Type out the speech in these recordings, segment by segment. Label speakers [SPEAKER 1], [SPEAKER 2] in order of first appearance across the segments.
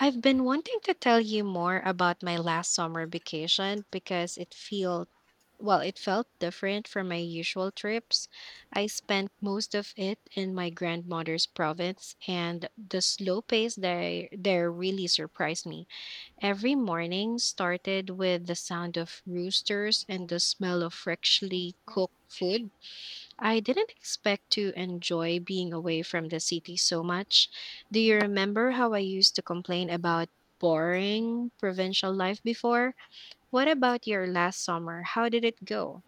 [SPEAKER 1] I've been wanting to tell you more about my last summer vacation because it felt well, it felt different from my usual trips. I spent most of it in my grandmother's province, and the slow pace there really surprised me. Every morning started with the sound of roosters and the smell of freshly cooked food. I didn't expect to enjoy being away from the city so much. Do you remember how I used to complain about boring provincial life before? What about your last summer? How did it go?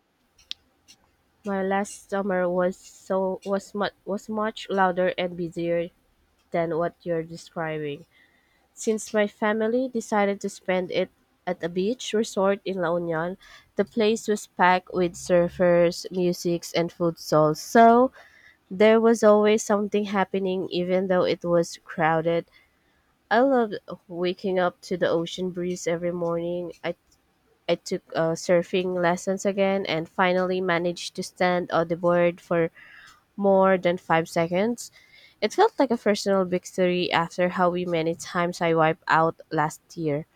[SPEAKER 2] My last summer was much louder and busier than what you're describing. Since my family decided to spend it at a beach resort in La Union, the place was packed with surfers, musics, and food stalls. So there was always something happening, even though it was crowded. I loved waking up to the ocean breeze every morning. I took surfing lessons again and finally managed to stand on the board for more than 5 seconds. It felt like a personal victory after how we many times I wiped out last year.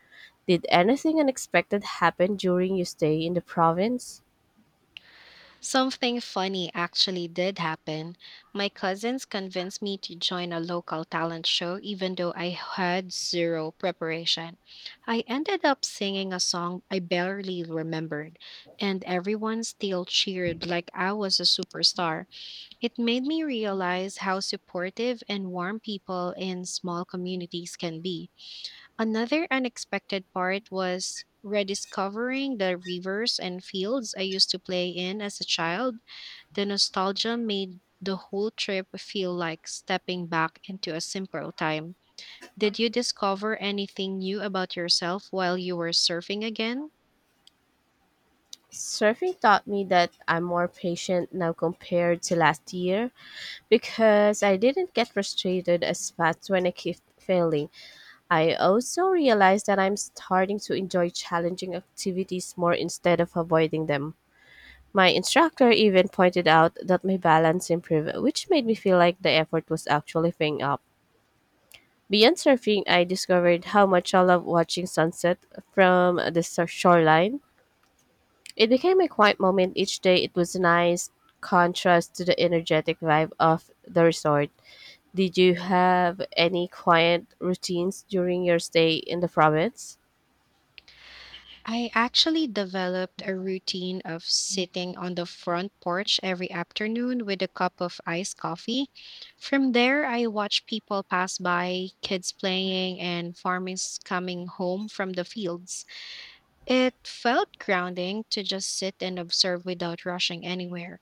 [SPEAKER 2] Did anything unexpected happen during your stay in the province?
[SPEAKER 1] Something funny actually did happen. My cousins convinced me to join a local talent show even though I had zero preparation. I ended up singing a song I barely remembered, and everyone still cheered like I was a superstar. It made me realize how supportive and warm people in small communities can be. Another unexpected part was rediscovering the rivers and fields I used to play in as a child. The nostalgia made the whole trip feel like stepping back into a simpler time. Did you discover anything new about yourself while you were surfing again?
[SPEAKER 2] Surfing taught me that I'm more patient now compared to last year because I didn't get frustrated as fast when I keep failing. I also realized that I'm starting to enjoy challenging activities more instead of avoiding them. My instructor even pointed out that my balance improved, which made me feel like the effort was actually paying up. Beyond surfing, I discovered how much I love watching sunset from the shoreline. It became a quiet moment each day. It was a nice contrast to the energetic vibe of the resort. Did you have any quiet routines during your stay in the province?
[SPEAKER 1] I actually developed a routine of sitting on the front porch every afternoon with a cup of iced coffee. From there, I watch people pass by, kids playing, and farmers coming home from the fields. It felt grounding to just sit and observe without rushing anywhere.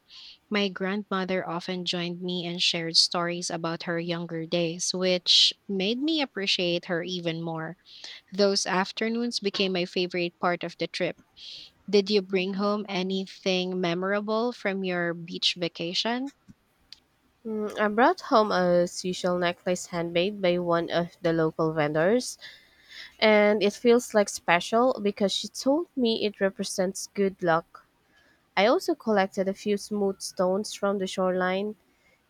[SPEAKER 1] My grandmother often joined me and shared stories about her younger days, which made me appreciate her even more. Those afternoons became my favorite part of the trip. Did you bring home anything memorable from your beach vacation?
[SPEAKER 2] I brought home a seashell necklace handmade by one of the local vendors. And it feels like special because she told me it represents good luck. I also collected a few smooth stones from the shoreline,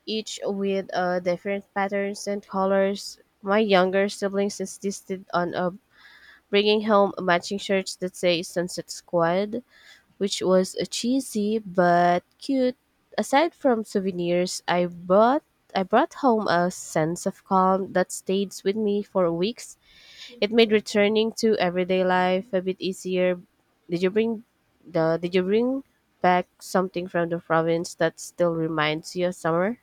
[SPEAKER 2] each with different patterns and colors. My younger siblings insisted on bringing home matching shirts that say Sunset Squad, which was cheesy but cute. Aside from souvenirs, I brought home a sense of calm that stays with me for weeks. It made returning to everyday life a bit easier. Did you bring did you bring back something from the province that still reminds you of summer?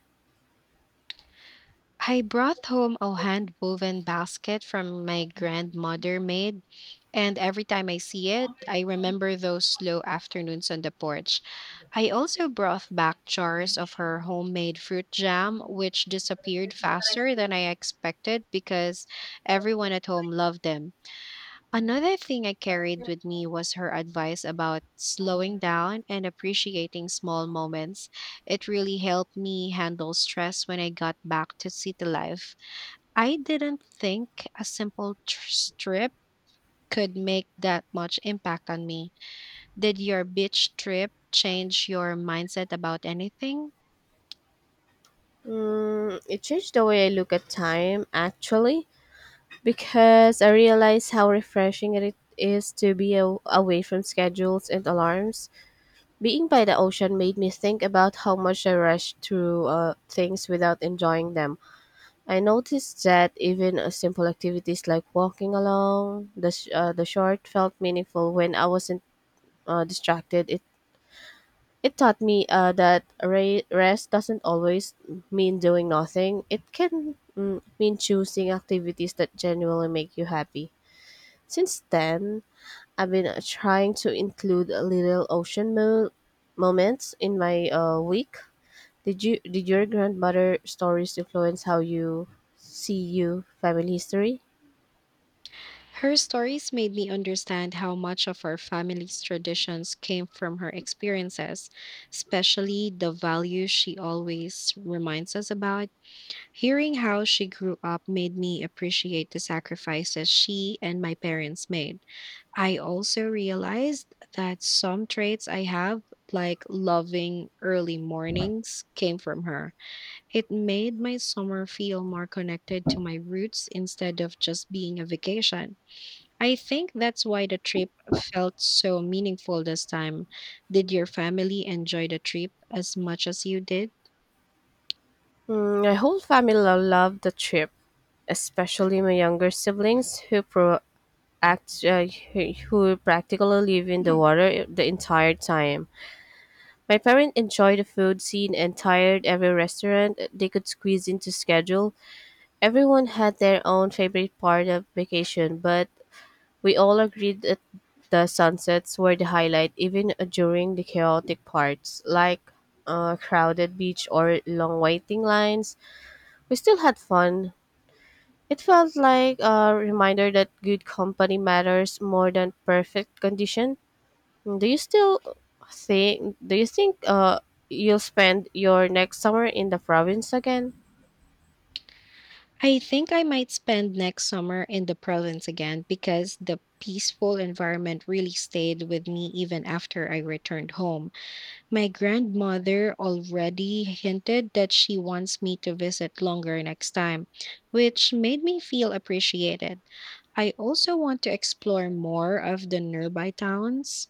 [SPEAKER 1] I brought home a hand woven basket from my grandmother made, and every time I see it, I remember those slow afternoons on the porch. I also brought back jars of her homemade fruit jam, which disappeared faster than I expected because everyone at home loved them. Another thing I carried with me was her advice about slowing down and appreciating small moments. It really helped me handle stress when I got back to city life. I didn't think a simple trip could make that much impact on me. Did your beach trip change your mindset about anything?
[SPEAKER 2] It changed the way I look at time, actually, because I realized how refreshing it is to be away from schedules and alarms. Being by the ocean made me think about how much I rush through things without enjoying them. I noticed that even simple activities like walking along the the short felt meaningful when I wasn't distracted. It taught me that rest doesn't always mean doing nothing. It can mean choosing activities that genuinely make you happy. Since then, I've been trying to include a little ocean moments in my week. Did your grandmother stories influence how you see your family history?
[SPEAKER 1] Her stories made me understand how much of our family's traditions came from her experiences, especially the values she always reminds us about. Hearing how she grew up made me appreciate the sacrifices she and my parents made. I also realized that some traits I have, like loving early mornings, came from her. It made my summer feel more connected to my roots instead of just being a vacation. I think that's why the trip felt so meaningful this time. Did your family enjoy the trip as much as you did?
[SPEAKER 2] My whole family loved the trip, especially my younger siblings who pro- act who practically live in the water the entire time. My parents enjoyed the food scene and tired every restaurant they could squeeze into schedule. Everyone had their own favorite part of vacation, but we all agreed that the sunsets were the highlight even during the chaotic parts like crowded beach or long waiting lines. We still had fun. It felt like a reminder that good company matters more than perfect condition. Do you still do you think you'll spend your next summer in the province again?
[SPEAKER 1] I think I might spend next summer in the province again because the peaceful environment really stayed with me even after I returned home. My grandmother already hinted that she wants me to visit longer next time, which made me feel appreciated. I also want to explore more of the nearby towns.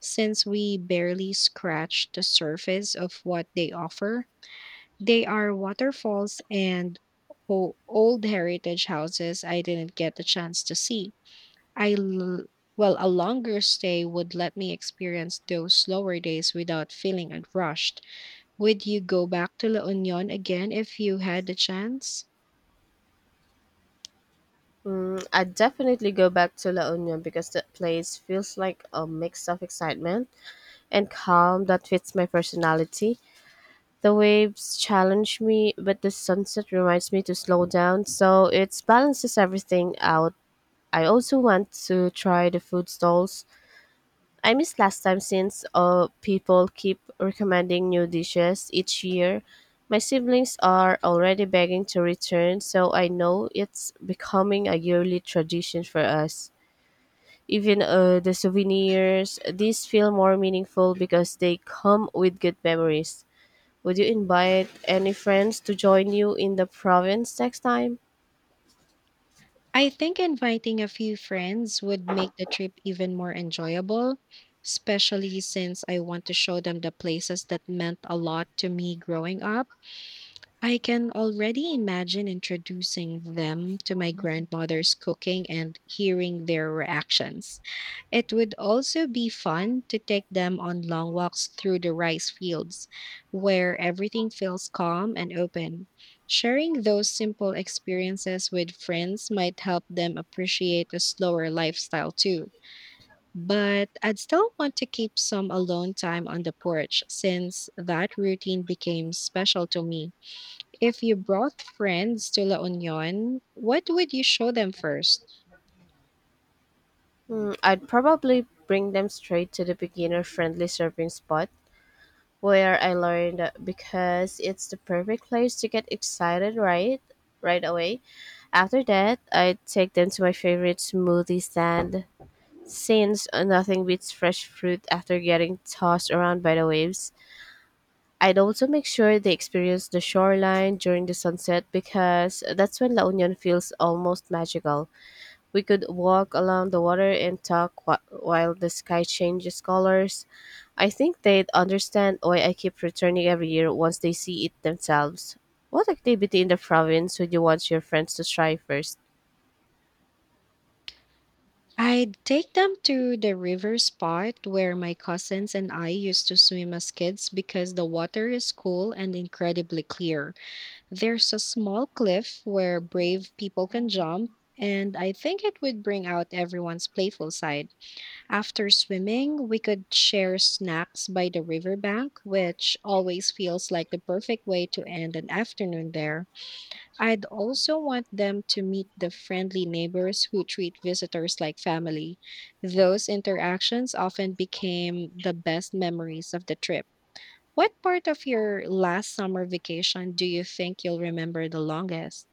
[SPEAKER 1] Since we barely scratched the surface of what they offer, they are waterfalls and old heritage houses I didn't get the chance to see. I l- well, a longer stay would let me experience those slower days without feeling rushed. Would you go back to La Union again if you had the chance?
[SPEAKER 2] I'd definitely go back to La Union because that place feels like a mix of excitement and calm that fits my personality. The waves challenge me, but the sunset reminds me to slow down, so it balances everything out. I also want to try the food stalls I missed last time since people keep recommending new dishes each year. My siblings are already begging to return, so I know it's becoming a yearly tradition for us. Even the souvenirs, these feel more meaningful because they come with good memories. Would you invite any friends to join you in the province next time?
[SPEAKER 1] I think inviting a few friends would make the trip even more enjoyable, especially since I want to show them the places that meant a lot to me growing up. I can already imagine introducing them to my grandmother's cooking and hearing their reactions. It would also be fun to take them on long walks through the rice fields where everything feels calm and open. Sharing those simple experiences with friends might help them appreciate a slower lifestyle too. But I'd still want to keep some alone time on the porch since that routine became special to me. If you brought friends to La Union, what would you show them first?
[SPEAKER 2] I'd probably bring them straight to the beginner friendly surfing spot where I learned because it's the perfect place to get excited right away. After that, I take them to my favorite smoothie stand since nothing beats fresh fruit after getting tossed around by the waves. I'd also make sure they experience the shoreline during the sunset because that's when La Union feels almost magical. We could walk along the water and talk while the sky changes colors. I think they'd understand why I keep returning every year once they see it themselves. What activity in the province would you want your friends to try first?
[SPEAKER 1] I'd take them to the river spot where my cousins and I used to swim as kids because the water is cool and incredibly clear. There's a small cliff where brave people can jump, and I think it would bring out everyone's playful side. After swimming, we could share snacks by the riverbank, which always feels like the perfect way to end an afternoon there. I'd also want them to meet the friendly neighbors who treat visitors like family. Those interactions often became the best memories of the trip. What part of your last summer vacation do you think you'll remember the longest?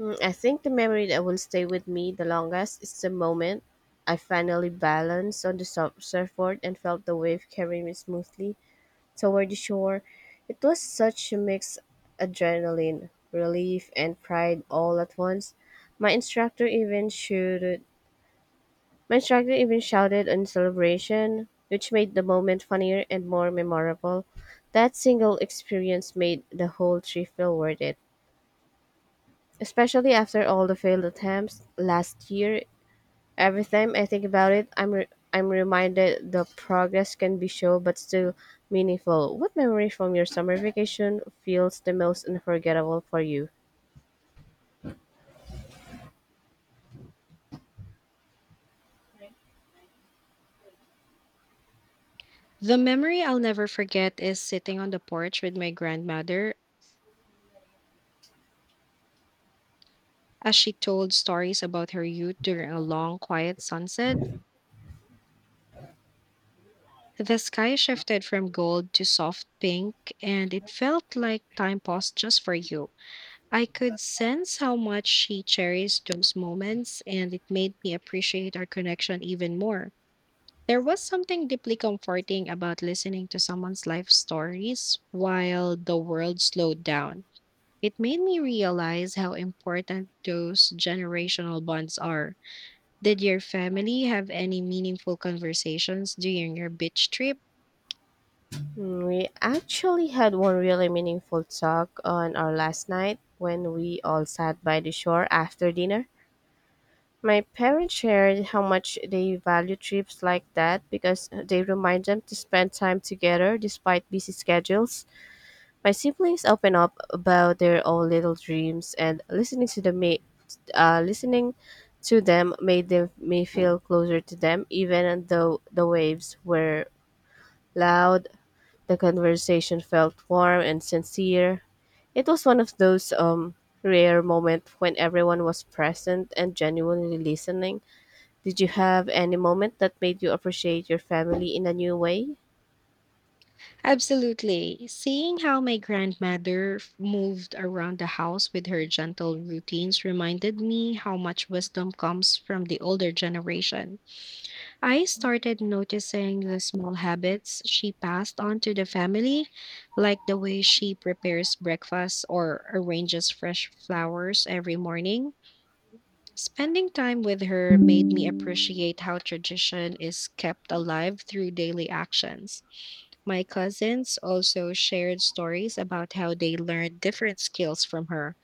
[SPEAKER 2] I think the memory that will stay with me the longest is the moment I finally balanced on the surfboard and felt the wave carry me smoothly toward the shore. It was such a mix: adrenaline, relief, and pride all at once. My instructor even shouted my instructor even shouted in celebration, which made the moment funnier and more memorable. That single experience made the whole trip feel worth it, especially after all the failed attempts last year. Every time I think about it, I'm reminded the progress can be slow but still meaningful. What memory from your summer vacation feels the most unforgettable for you?
[SPEAKER 1] The memory I'll never forget is sitting on the porch with my grandmother as she told stories about her youth during a long, quiet sunset. The sky shifted from gold to soft pink, and it felt like time paused just for you. I could sense how much she cherished those moments, and it made me appreciate our connection even more. There was something deeply comforting about listening to someone's life stories while the world slowed down. It made me realize how important those generational bonds are. Did your family have any meaningful conversations during your beach trip?
[SPEAKER 2] We actually had one really meaningful talk on our last night when we all sat by the shore after dinner. My parents shared how much they value trips like that because they remind them to spend time together despite busy schedules. My siblings open up about their own little dreams, and listening to them made them me feel closer to them. Even though the waves were loud, the conversation felt warm and sincere. It was one of those rare moments when everyone was present and genuinely listening. Did you have any moment that made you appreciate your family in a new way?
[SPEAKER 1] Absolutely. Seeing how my grandmother moved around the house with her gentle routines reminded me how much wisdom comes from the older generation. I started noticing the small habits she passed on to the family, like the way she prepares breakfast or arranges fresh flowers every morning. Spending time with her made me appreciate how tradition is kept alive through daily actions. My cousins also shared stories about how they learned different skills from her,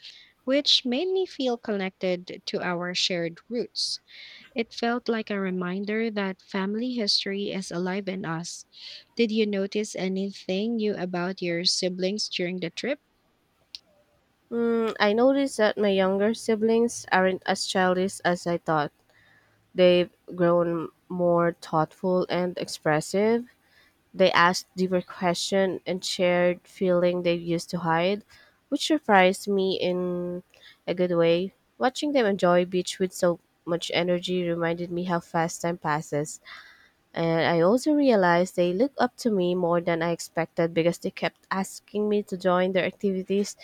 [SPEAKER 1] which made me feel connected to our shared roots. It felt like a reminder that family history is alive in us. Did you notice anything new about your siblings during the trip?
[SPEAKER 2] I noticed that my younger siblings aren't as childish as I thought. They've grown more thoughtful and expressive. They ask deeper questions and shared feeling they used to hide, which surprised me in a good way. Watching them enjoy beach with so much energy reminded me how fast time passes. And I also realized they look up to me more than I expected because they kept asking me to join their activities.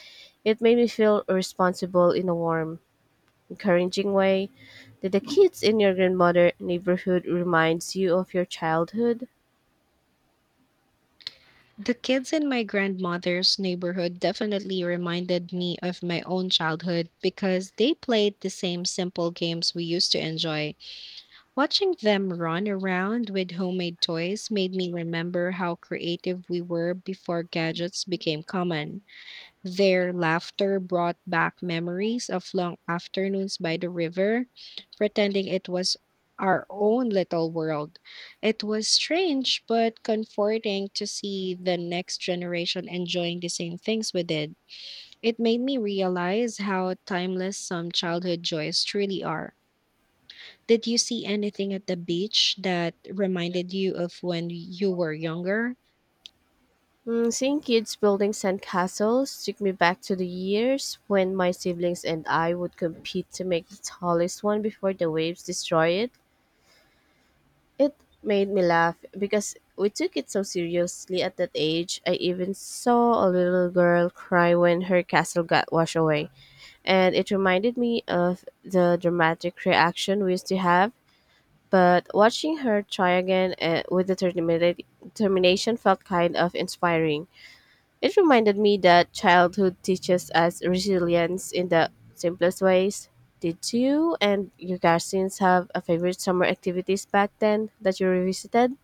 [SPEAKER 2] It made me feel responsible in a warm, encouraging way. Did the kids in your grandmother neighborhood reminds you of your childhood?
[SPEAKER 1] The kids in my grandmother's neighborhood definitely reminded me of my own childhood because they played the same simple games we used to enjoy. Watching them run around with homemade toys made me remember how creative we were before gadgets became common. Their laughter brought back memories of long afternoons by the river, pretending it was our own little world. It was strange but comforting to see the next generation enjoying the same things we did. It made me realize how timeless some childhood joys truly are. Did you see anything at the beach that reminded you of when you were younger?
[SPEAKER 2] Seeing kids building sandcastles took me back to the years when my siblings and I would compete to make the tallest one before the waves destroy it. It made me laugh because we took it so seriously at that age. I even saw a little girl cry when her castle got washed away, and it reminded me of the dramatic reaction we used to have. But watching her try again with determination felt kind of inspiring. It reminded me that childhood teaches us resilience in the simplest ways. Did you and your cousins have a favorite summer activities back then that you revisited?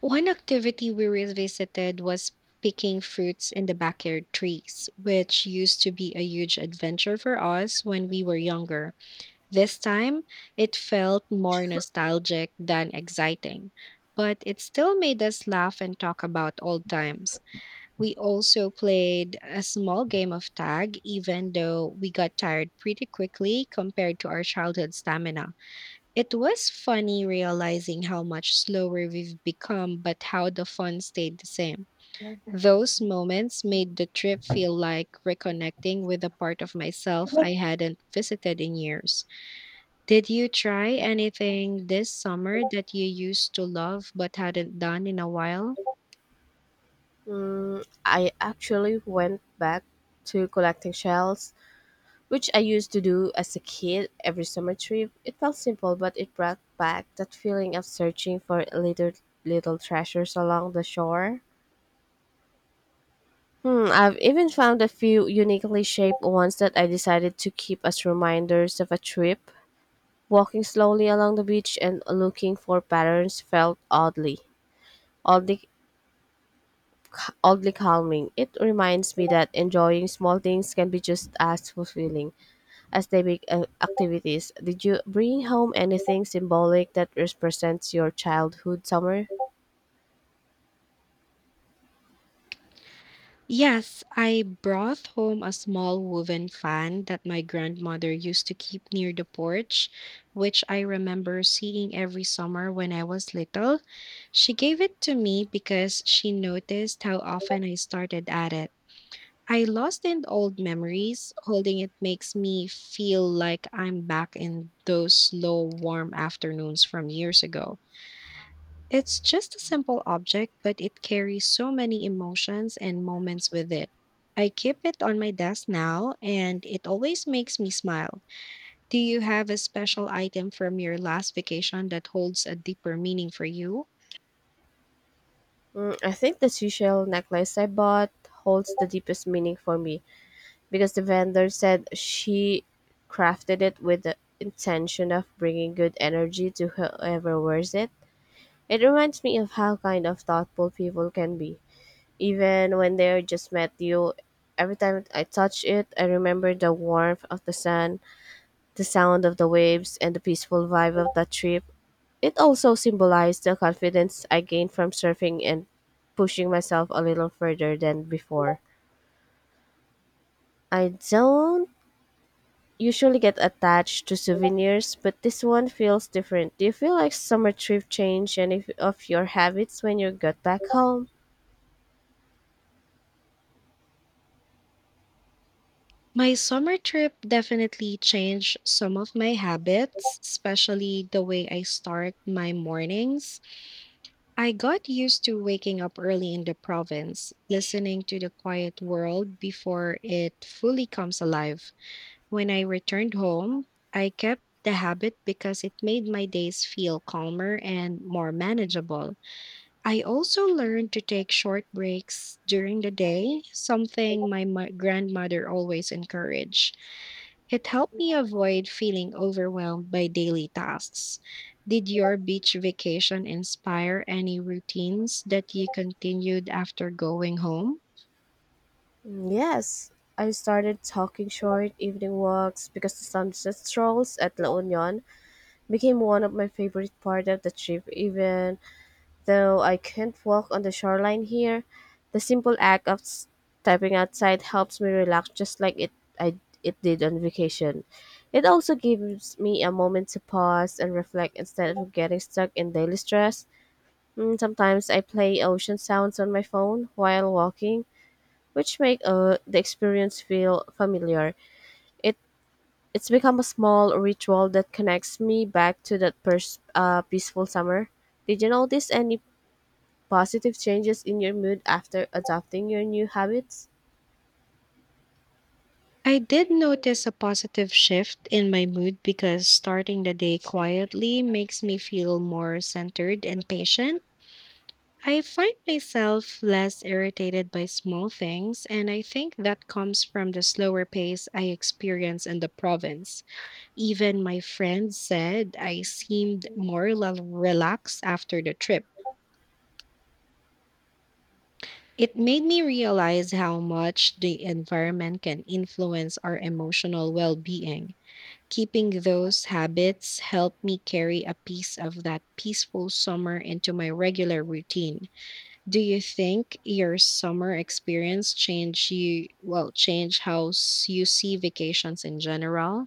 [SPEAKER 1] One activity we revisited was picking fruits in the backyard trees, which used to be a huge adventure for us when we were younger. This time, it felt more nostalgic than exciting, but it still made us laugh and talk about old times. We also played a small game of tag, even though we got tired pretty quickly compared to our childhood stamina. It was funny realizing how much slower we've become, but how the fun stayed the same. Those moments made the trip feel like reconnecting with a part of myself I hadn't visited in years. Did you try anything this summer that you used to love but hadn't done in a while?
[SPEAKER 2] I actually went back to collecting shells, which I used to do as a kid every summer trip. It felt simple, but it brought back that feeling of searching for little treasures along the shore. I've even found a few uniquely shaped ones that I decided to keep as reminders of a trip. Walking slowly along the beach and looking for patterns felt oddly, oddly calming. It reminds me that enjoying small things can be just as fulfilling academic activities. Did you bring home anything symbolic that represents your childhood summer?
[SPEAKER 1] Yes, I brought home a small woven fan that my grandmother used to keep near the porch, which I remember seeing every summer when I was little. She gave it to me because she noticed how often I started at it. I lost in old memories. Holding it makes me feel like I'm back in those slow, warm afternoons from years ago. It's just a simple object, but it carries so many emotions and moments with it. I keep it on my desk now, and it always makes me smile. Do you have a special item from your last vacation that holds a deeper meaning for you?
[SPEAKER 2] I think the seashell necklace I bought holds the deepest meaning for me because the vendor said she crafted it with the intention of bringing good energy to whoever wears it. It reminds me of how kind of thoughtful people can be, even when they just met you. Every time I touch it, I remember the warmth of the sun, the sound of the waves, and the peaceful vibe of that trip. It also symbolized the confidence I gained from surfing and pushing myself a little further than before. I don't usually get attached to souvenirs, but this one feels different. Do you feel like summer trip changed any of your habits when you got back home?
[SPEAKER 1] My summer trip definitely changed some of my habits, especially the way I start my mornings. I got used to waking up early in the province, listening to the quiet world before it fully comes alive. When I returned home, I kept the habit because it made my days feel calmer and more manageable. I also learned to take short breaks during the day, something my grandmother always encouraged. It helped me avoid feeling overwhelmed by daily tasks. Did your beach vacation inspire any routines that you continued after going home?
[SPEAKER 2] Mm, yes. I started talking short evening walks because the sunset strolls at La Union became one of my favorite part of the trip. Even Though I can't walk on the shoreline here, the simple act of stepping outside helps me relax just like I it did on vacation. It also gives me a moment to pause and reflect instead of getting stuck in daily stress. Sometimes I play ocean sounds on my phone while walking, which make the experience feel familiar. It it's become a small ritual that connects me back to that peaceful summer. Did you notice any positive changes in your mood after adopting your new habits?
[SPEAKER 1] I did notice a positive shift in my mood because starting the day quietly makes me feel more centered and patient. I find myself less irritated by small things, and I think that comes from the slower pace I experience in the province. Even my friends said I seemed more relaxed after the trip. It made me realize how much the environment can influence our emotional well being. Keeping those habits help me carry a piece of that peaceful summer into my regular routine. Do you think your summer experience change you well change how you see vacations in general?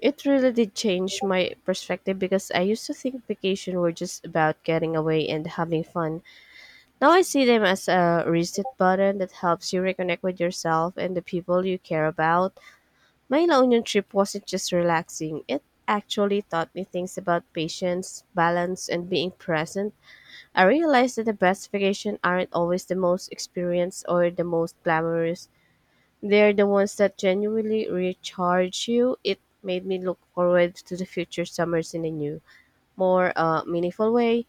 [SPEAKER 2] It really did change my perspective because I used to think vacation were just about getting away and having fun. Now I see them as a reset button that helps you reconnect with yourself and the people you care about. My La Union trip wasn't just relaxing, it actually taught me things about patience, balance, and being present. I realized that the best vacation aren't always the most experienced or the most glamorous. They're the ones that genuinely recharge you. It made me look forward to the future summers in a new, more meaningful way.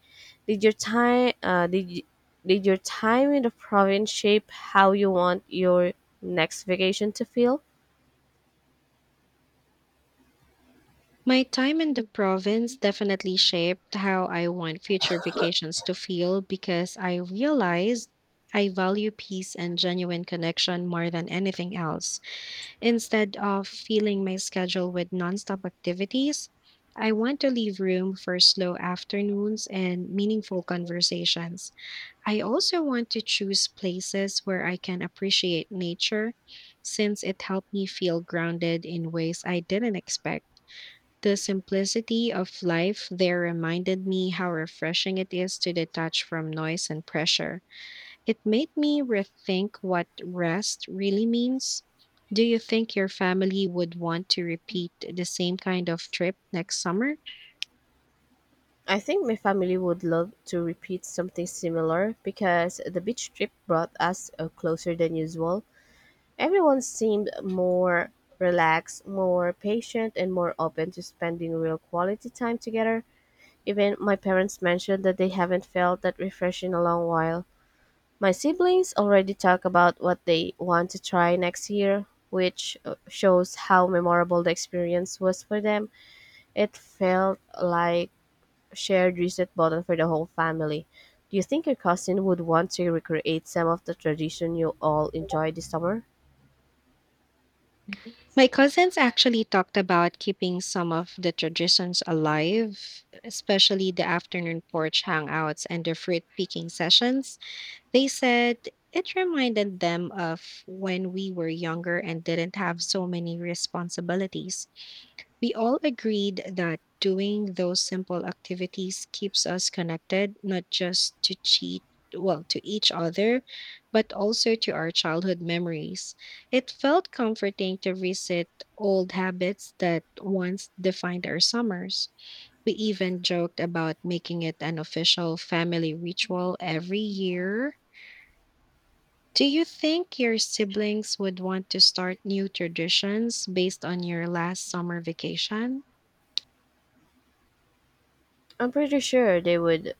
[SPEAKER 2] Did your time uh, did y- did your time in the province shape how you want your next vacation to feel?
[SPEAKER 1] My time in the province definitely shaped how I want future vacations to feel because I realized I value peace and genuine connection more than anything else. Instead of filling my schedule with nonstop activities, I want to leave room for slow afternoons and meaningful conversations. I also want to choose places where I can appreciate nature since it helped me feel grounded in ways I didn't expect. The simplicity of life there reminded me how refreshing it is to detach from noise and pressure. It made me rethink what rest really means. Do you think your family would want to repeat the same kind of trip next summer?
[SPEAKER 2] I think my family would love to repeat something similar because the beach trip brought us closer than usual. Everyone seemed more relaxed, more patient, and more open to spending real quality time together. Even my parents mentioned that they haven't felt that refreshed in a long while. My siblings already talk about what they want to try next year, which shows how memorable the experience was for them. It felt like a shared reset button for the whole family. Do you think your cousin would want to recreate some of the tradition you all enjoyed this summer?
[SPEAKER 1] My cousins actually talked about keeping some of the traditions alive, especially the afternoon porch hangouts and the fruit picking sessions. They said it reminded them of when we were younger and didn't have so many responsibilities. We all agreed that doing those simple activities keeps us connected, not just to cheat, well, to each other, but also to our childhood memories. It felt comforting to reset old habits that once defined our summers. We even joked about making it an official family ritual every year. Do you think your siblings would want to start new traditions based on your last summer vacation?
[SPEAKER 2] I'm pretty sure they would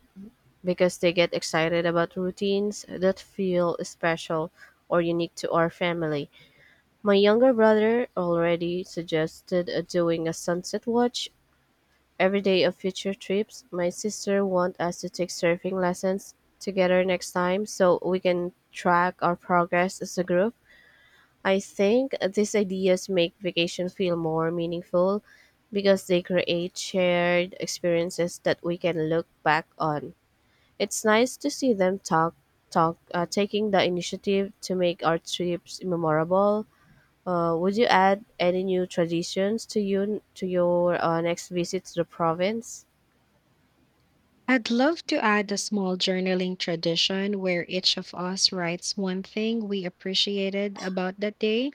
[SPEAKER 2] because they get excited about routines that feel special or unique to our family. My younger brother already suggested doing a sunset watch every day of future trips. My sister wants us to take surfing lessons together next time so we can track our progress as a group. I think these ideas make vacation feel more meaningful because they create shared experiences that we can look back on. It's nice to see them taking the initiative to make our trips memorable. Would you add any new traditions to your next visit to the province?
[SPEAKER 1] I'd love to add a small journaling tradition where each of us writes one thing we appreciated about that day,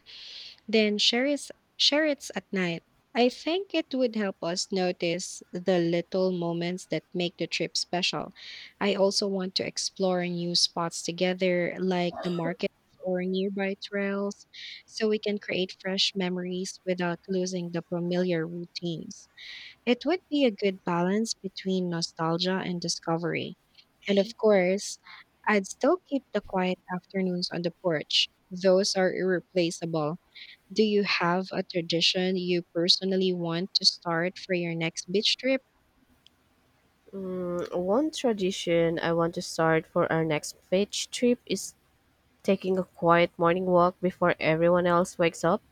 [SPEAKER 1] then share it at night. I think it would help us notice the little moments that make the trip special. I also want to explore new spots together, like the markets or nearby trails, so we can create fresh memories without losing the familiar routines. It would be a good balance between nostalgia and discovery. And of course, I'd still keep the quiet afternoons on the porch. Those are irreplaceable. Do you have a tradition you personally want to start for your next beach trip?
[SPEAKER 2] One tradition I want to start for our next beach trip is taking a quiet morning walk before everyone else wakes up.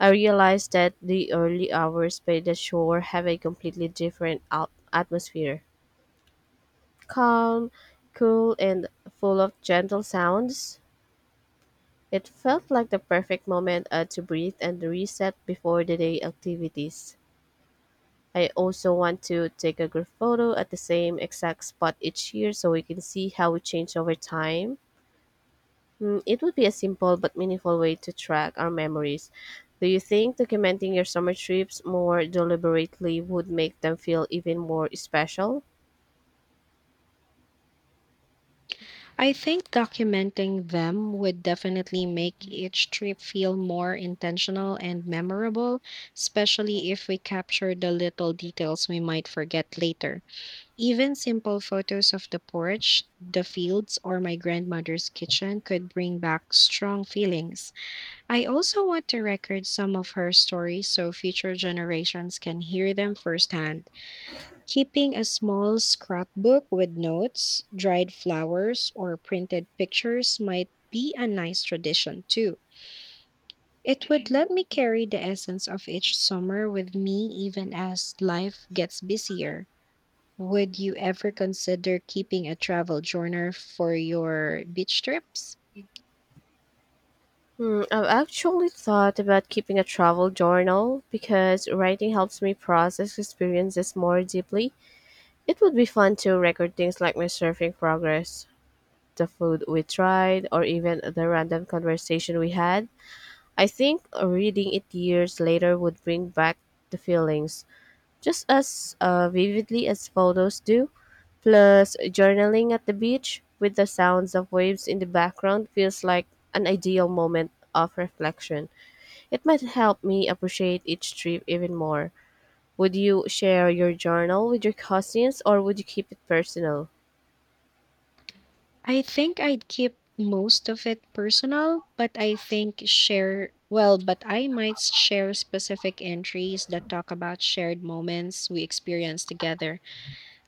[SPEAKER 2] I realized that the early hours by the shore have a completely different atmosphere. Calm, cool, and full of gentle sounds. It felt like the perfect moment to breathe and reset before the day activities. I also want to take a group photo at the same exact spot each year so we can see how we change over time. It would be a simple but meaningful way to track our memories. Do you think documenting your summer trips more deliberately would make them feel even more special?
[SPEAKER 1] I think documenting them would definitely make each trip feel more intentional and memorable, especially if we capture the little details we might forget later. Even simple photos of the porch, the fields, or my grandmother's kitchen could bring back strong feelings. I also want to record some of her stories so future generations can hear them firsthand. Keeping a small scrapbook with notes, dried flowers, or printed pictures might be a nice tradition too. It would let me carry the essence of each summer with me even as life gets busier. Would you ever consider keeping a travel journal for your beach trips?
[SPEAKER 2] I've actually thought about keeping a travel journal because writing helps me process experiences more deeply. It would be fun to record things like my surfing progress, the food we tried, or even the random conversation we had. I think reading it years later would bring back the feelings just as vividly as photos do. Plus, journaling at the beach with the sounds of waves in the background feels like an ideal moment of reflection. It might help me appreciate each trip even more. Would you share your journal with your cousins or would you keep it personal?
[SPEAKER 1] I think I'd keep most of it personal, but I think share, well, but I might share specific entries that talk about shared moments we experienced together.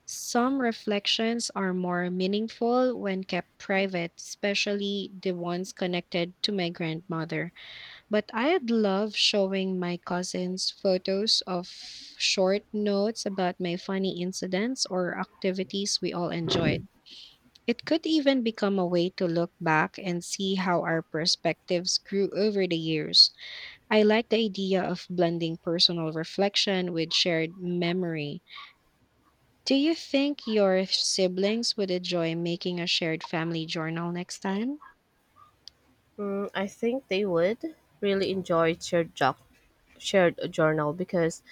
[SPEAKER 1] Some reflections are more meaningful when kept private, especially the ones connected to my grandmother. But I'd love showing my cousins photos of short notes about my funny incidents or activities we all enjoyed. It could even become a way to look back and see how our perspectives grew over the years. I like the idea of blending personal reflection with shared memory. Do you think your siblings would enjoy making a shared family journal next time?
[SPEAKER 2] I think they would really enjoy shared journal because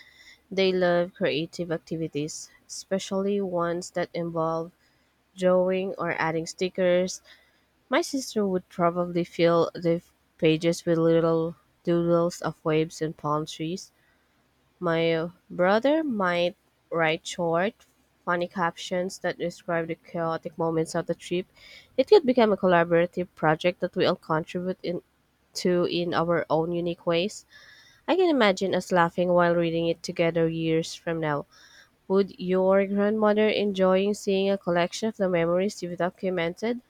[SPEAKER 2] they love creative activities, especially ones that involve drawing or adding stickers. My sister would probably fill the pages with little doodles of waves and palm trees. My brother might write short, funny captions that describe the chaotic moments of the trip. It could become a collaborative project that we all contribute in to in our own unique ways. I can imagine us laughing while reading it together years from now. Would your grandmother enjoying seeing a collection of the memories you've documented?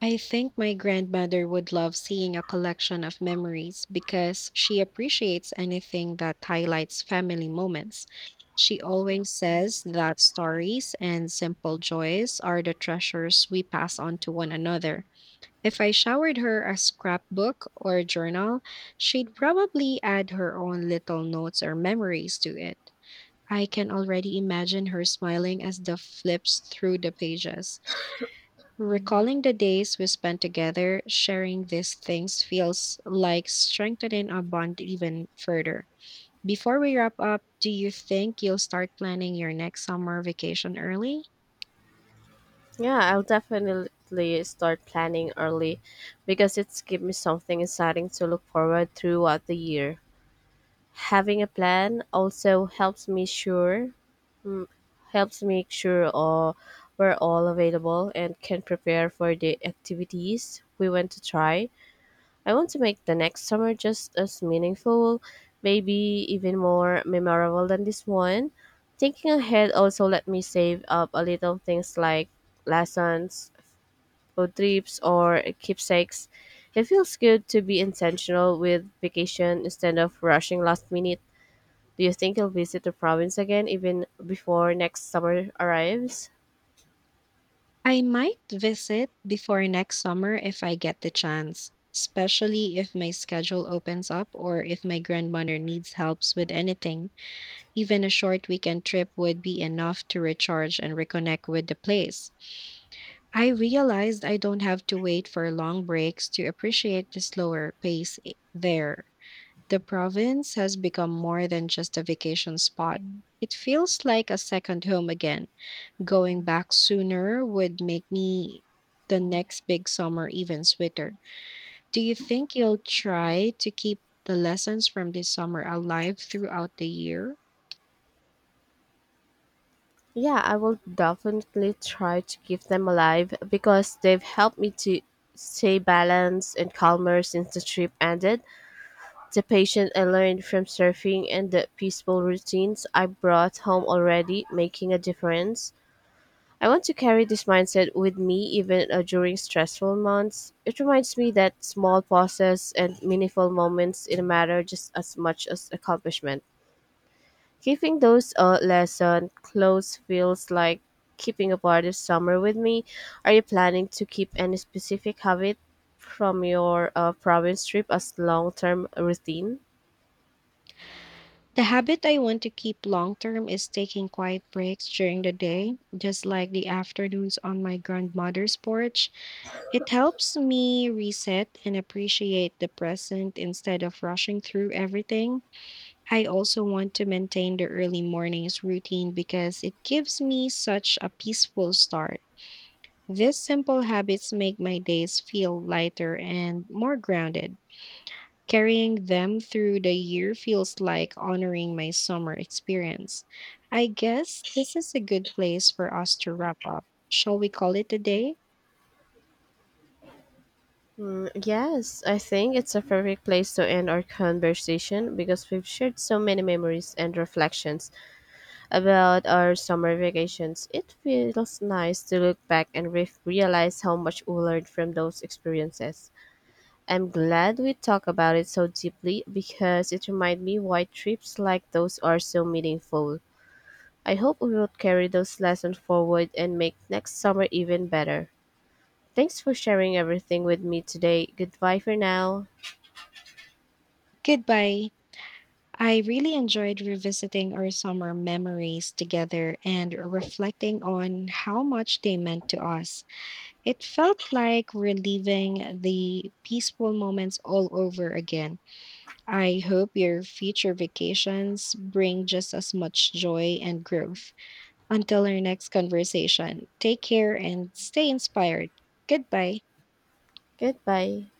[SPEAKER 1] I think my grandmother would love seeing a collection of memories because she appreciates anything that highlights family moments. She always says that stories and simple joys are the treasures we pass on to one another. If I showered her a scrapbook or journal, she'd probably add her own little notes or memories to it. I can already imagine her smiling as the flips through the pages. Recalling the days we spent together, sharing these things feels like strengthening our bond even further. Before we wrap up, do you think you'll start planning your next summer vacation early?
[SPEAKER 2] Yeah, I'll definitely start planning early because it's give me something exciting to look forward throughout the year. Having a plan also helps make sure we're all available and can prepare for the activities we want to try. I want to make the next summer just as meaningful, maybe even more memorable than this one. Thinking ahead also let me save up a little things like lessons, food trips, or keepsakes. It feels good to be intentional with vacation instead of rushing last minute. Do you think you'll visit the province again even before next summer arrives?
[SPEAKER 1] I might visit before next summer if I get the chance, especially if my schedule opens up or if my grandmother needs helps with anything. Even a short weekend trip would be enough to recharge and reconnect with the place. I realized I don't have to wait for long breaks to appreciate the slower pace there. The province has become more than just a vacation spot. Mm. It feels like a second home again. Going back sooner would make me the next big summer even sweeter. Do you think you'll try to keep the lessons from this summer alive throughout the year?
[SPEAKER 2] Yeah, I will definitely try to keep them alive because they've helped me to stay balanced and calmer since the trip ended. The patience I learned from surfing and the peaceful routines I brought home already making a difference. I want to carry this mindset with me even during stressful months. It reminds me that small pauses and meaningful moments in a matter just as much as accomplishment. Giving those lesson close feels like keeping a part of summer with me. Are you planning to keep any specific habit from your province trip as long-term routine?
[SPEAKER 1] The habit I want to keep long term is taking quiet breaks during the day, just like the afternoons on my grandmother's porch. It helps me reset and appreciate the present instead of rushing through everything. I also want to maintain the early mornings routine because it gives me such a peaceful start. These simple habits make my days feel lighter and more grounded. Carrying them through the year feels like honoring my summer experience. I guess this is a good place for us to wrap up. Shall we call it a day?
[SPEAKER 2] Yes, I think it's a perfect place to end our conversation because we've shared so many memories and reflections about our summer vacations. It feels nice to look back and realize how much we learned from those experiences. I'm glad we talked about it so deeply because it reminded me why trips like those are so meaningful. I hope we will carry those lessons forward and make next summer even better. Thanks for sharing everything with me today. Goodbye for now.
[SPEAKER 1] Goodbye. I really enjoyed revisiting our summer memories together and reflecting on how much they meant to us. It felt like reliving the peaceful moments all over again. I hope your future vacations bring just as much joy and growth. Until our next conversation, take care and stay inspired. Goodbye.
[SPEAKER 2] Goodbye.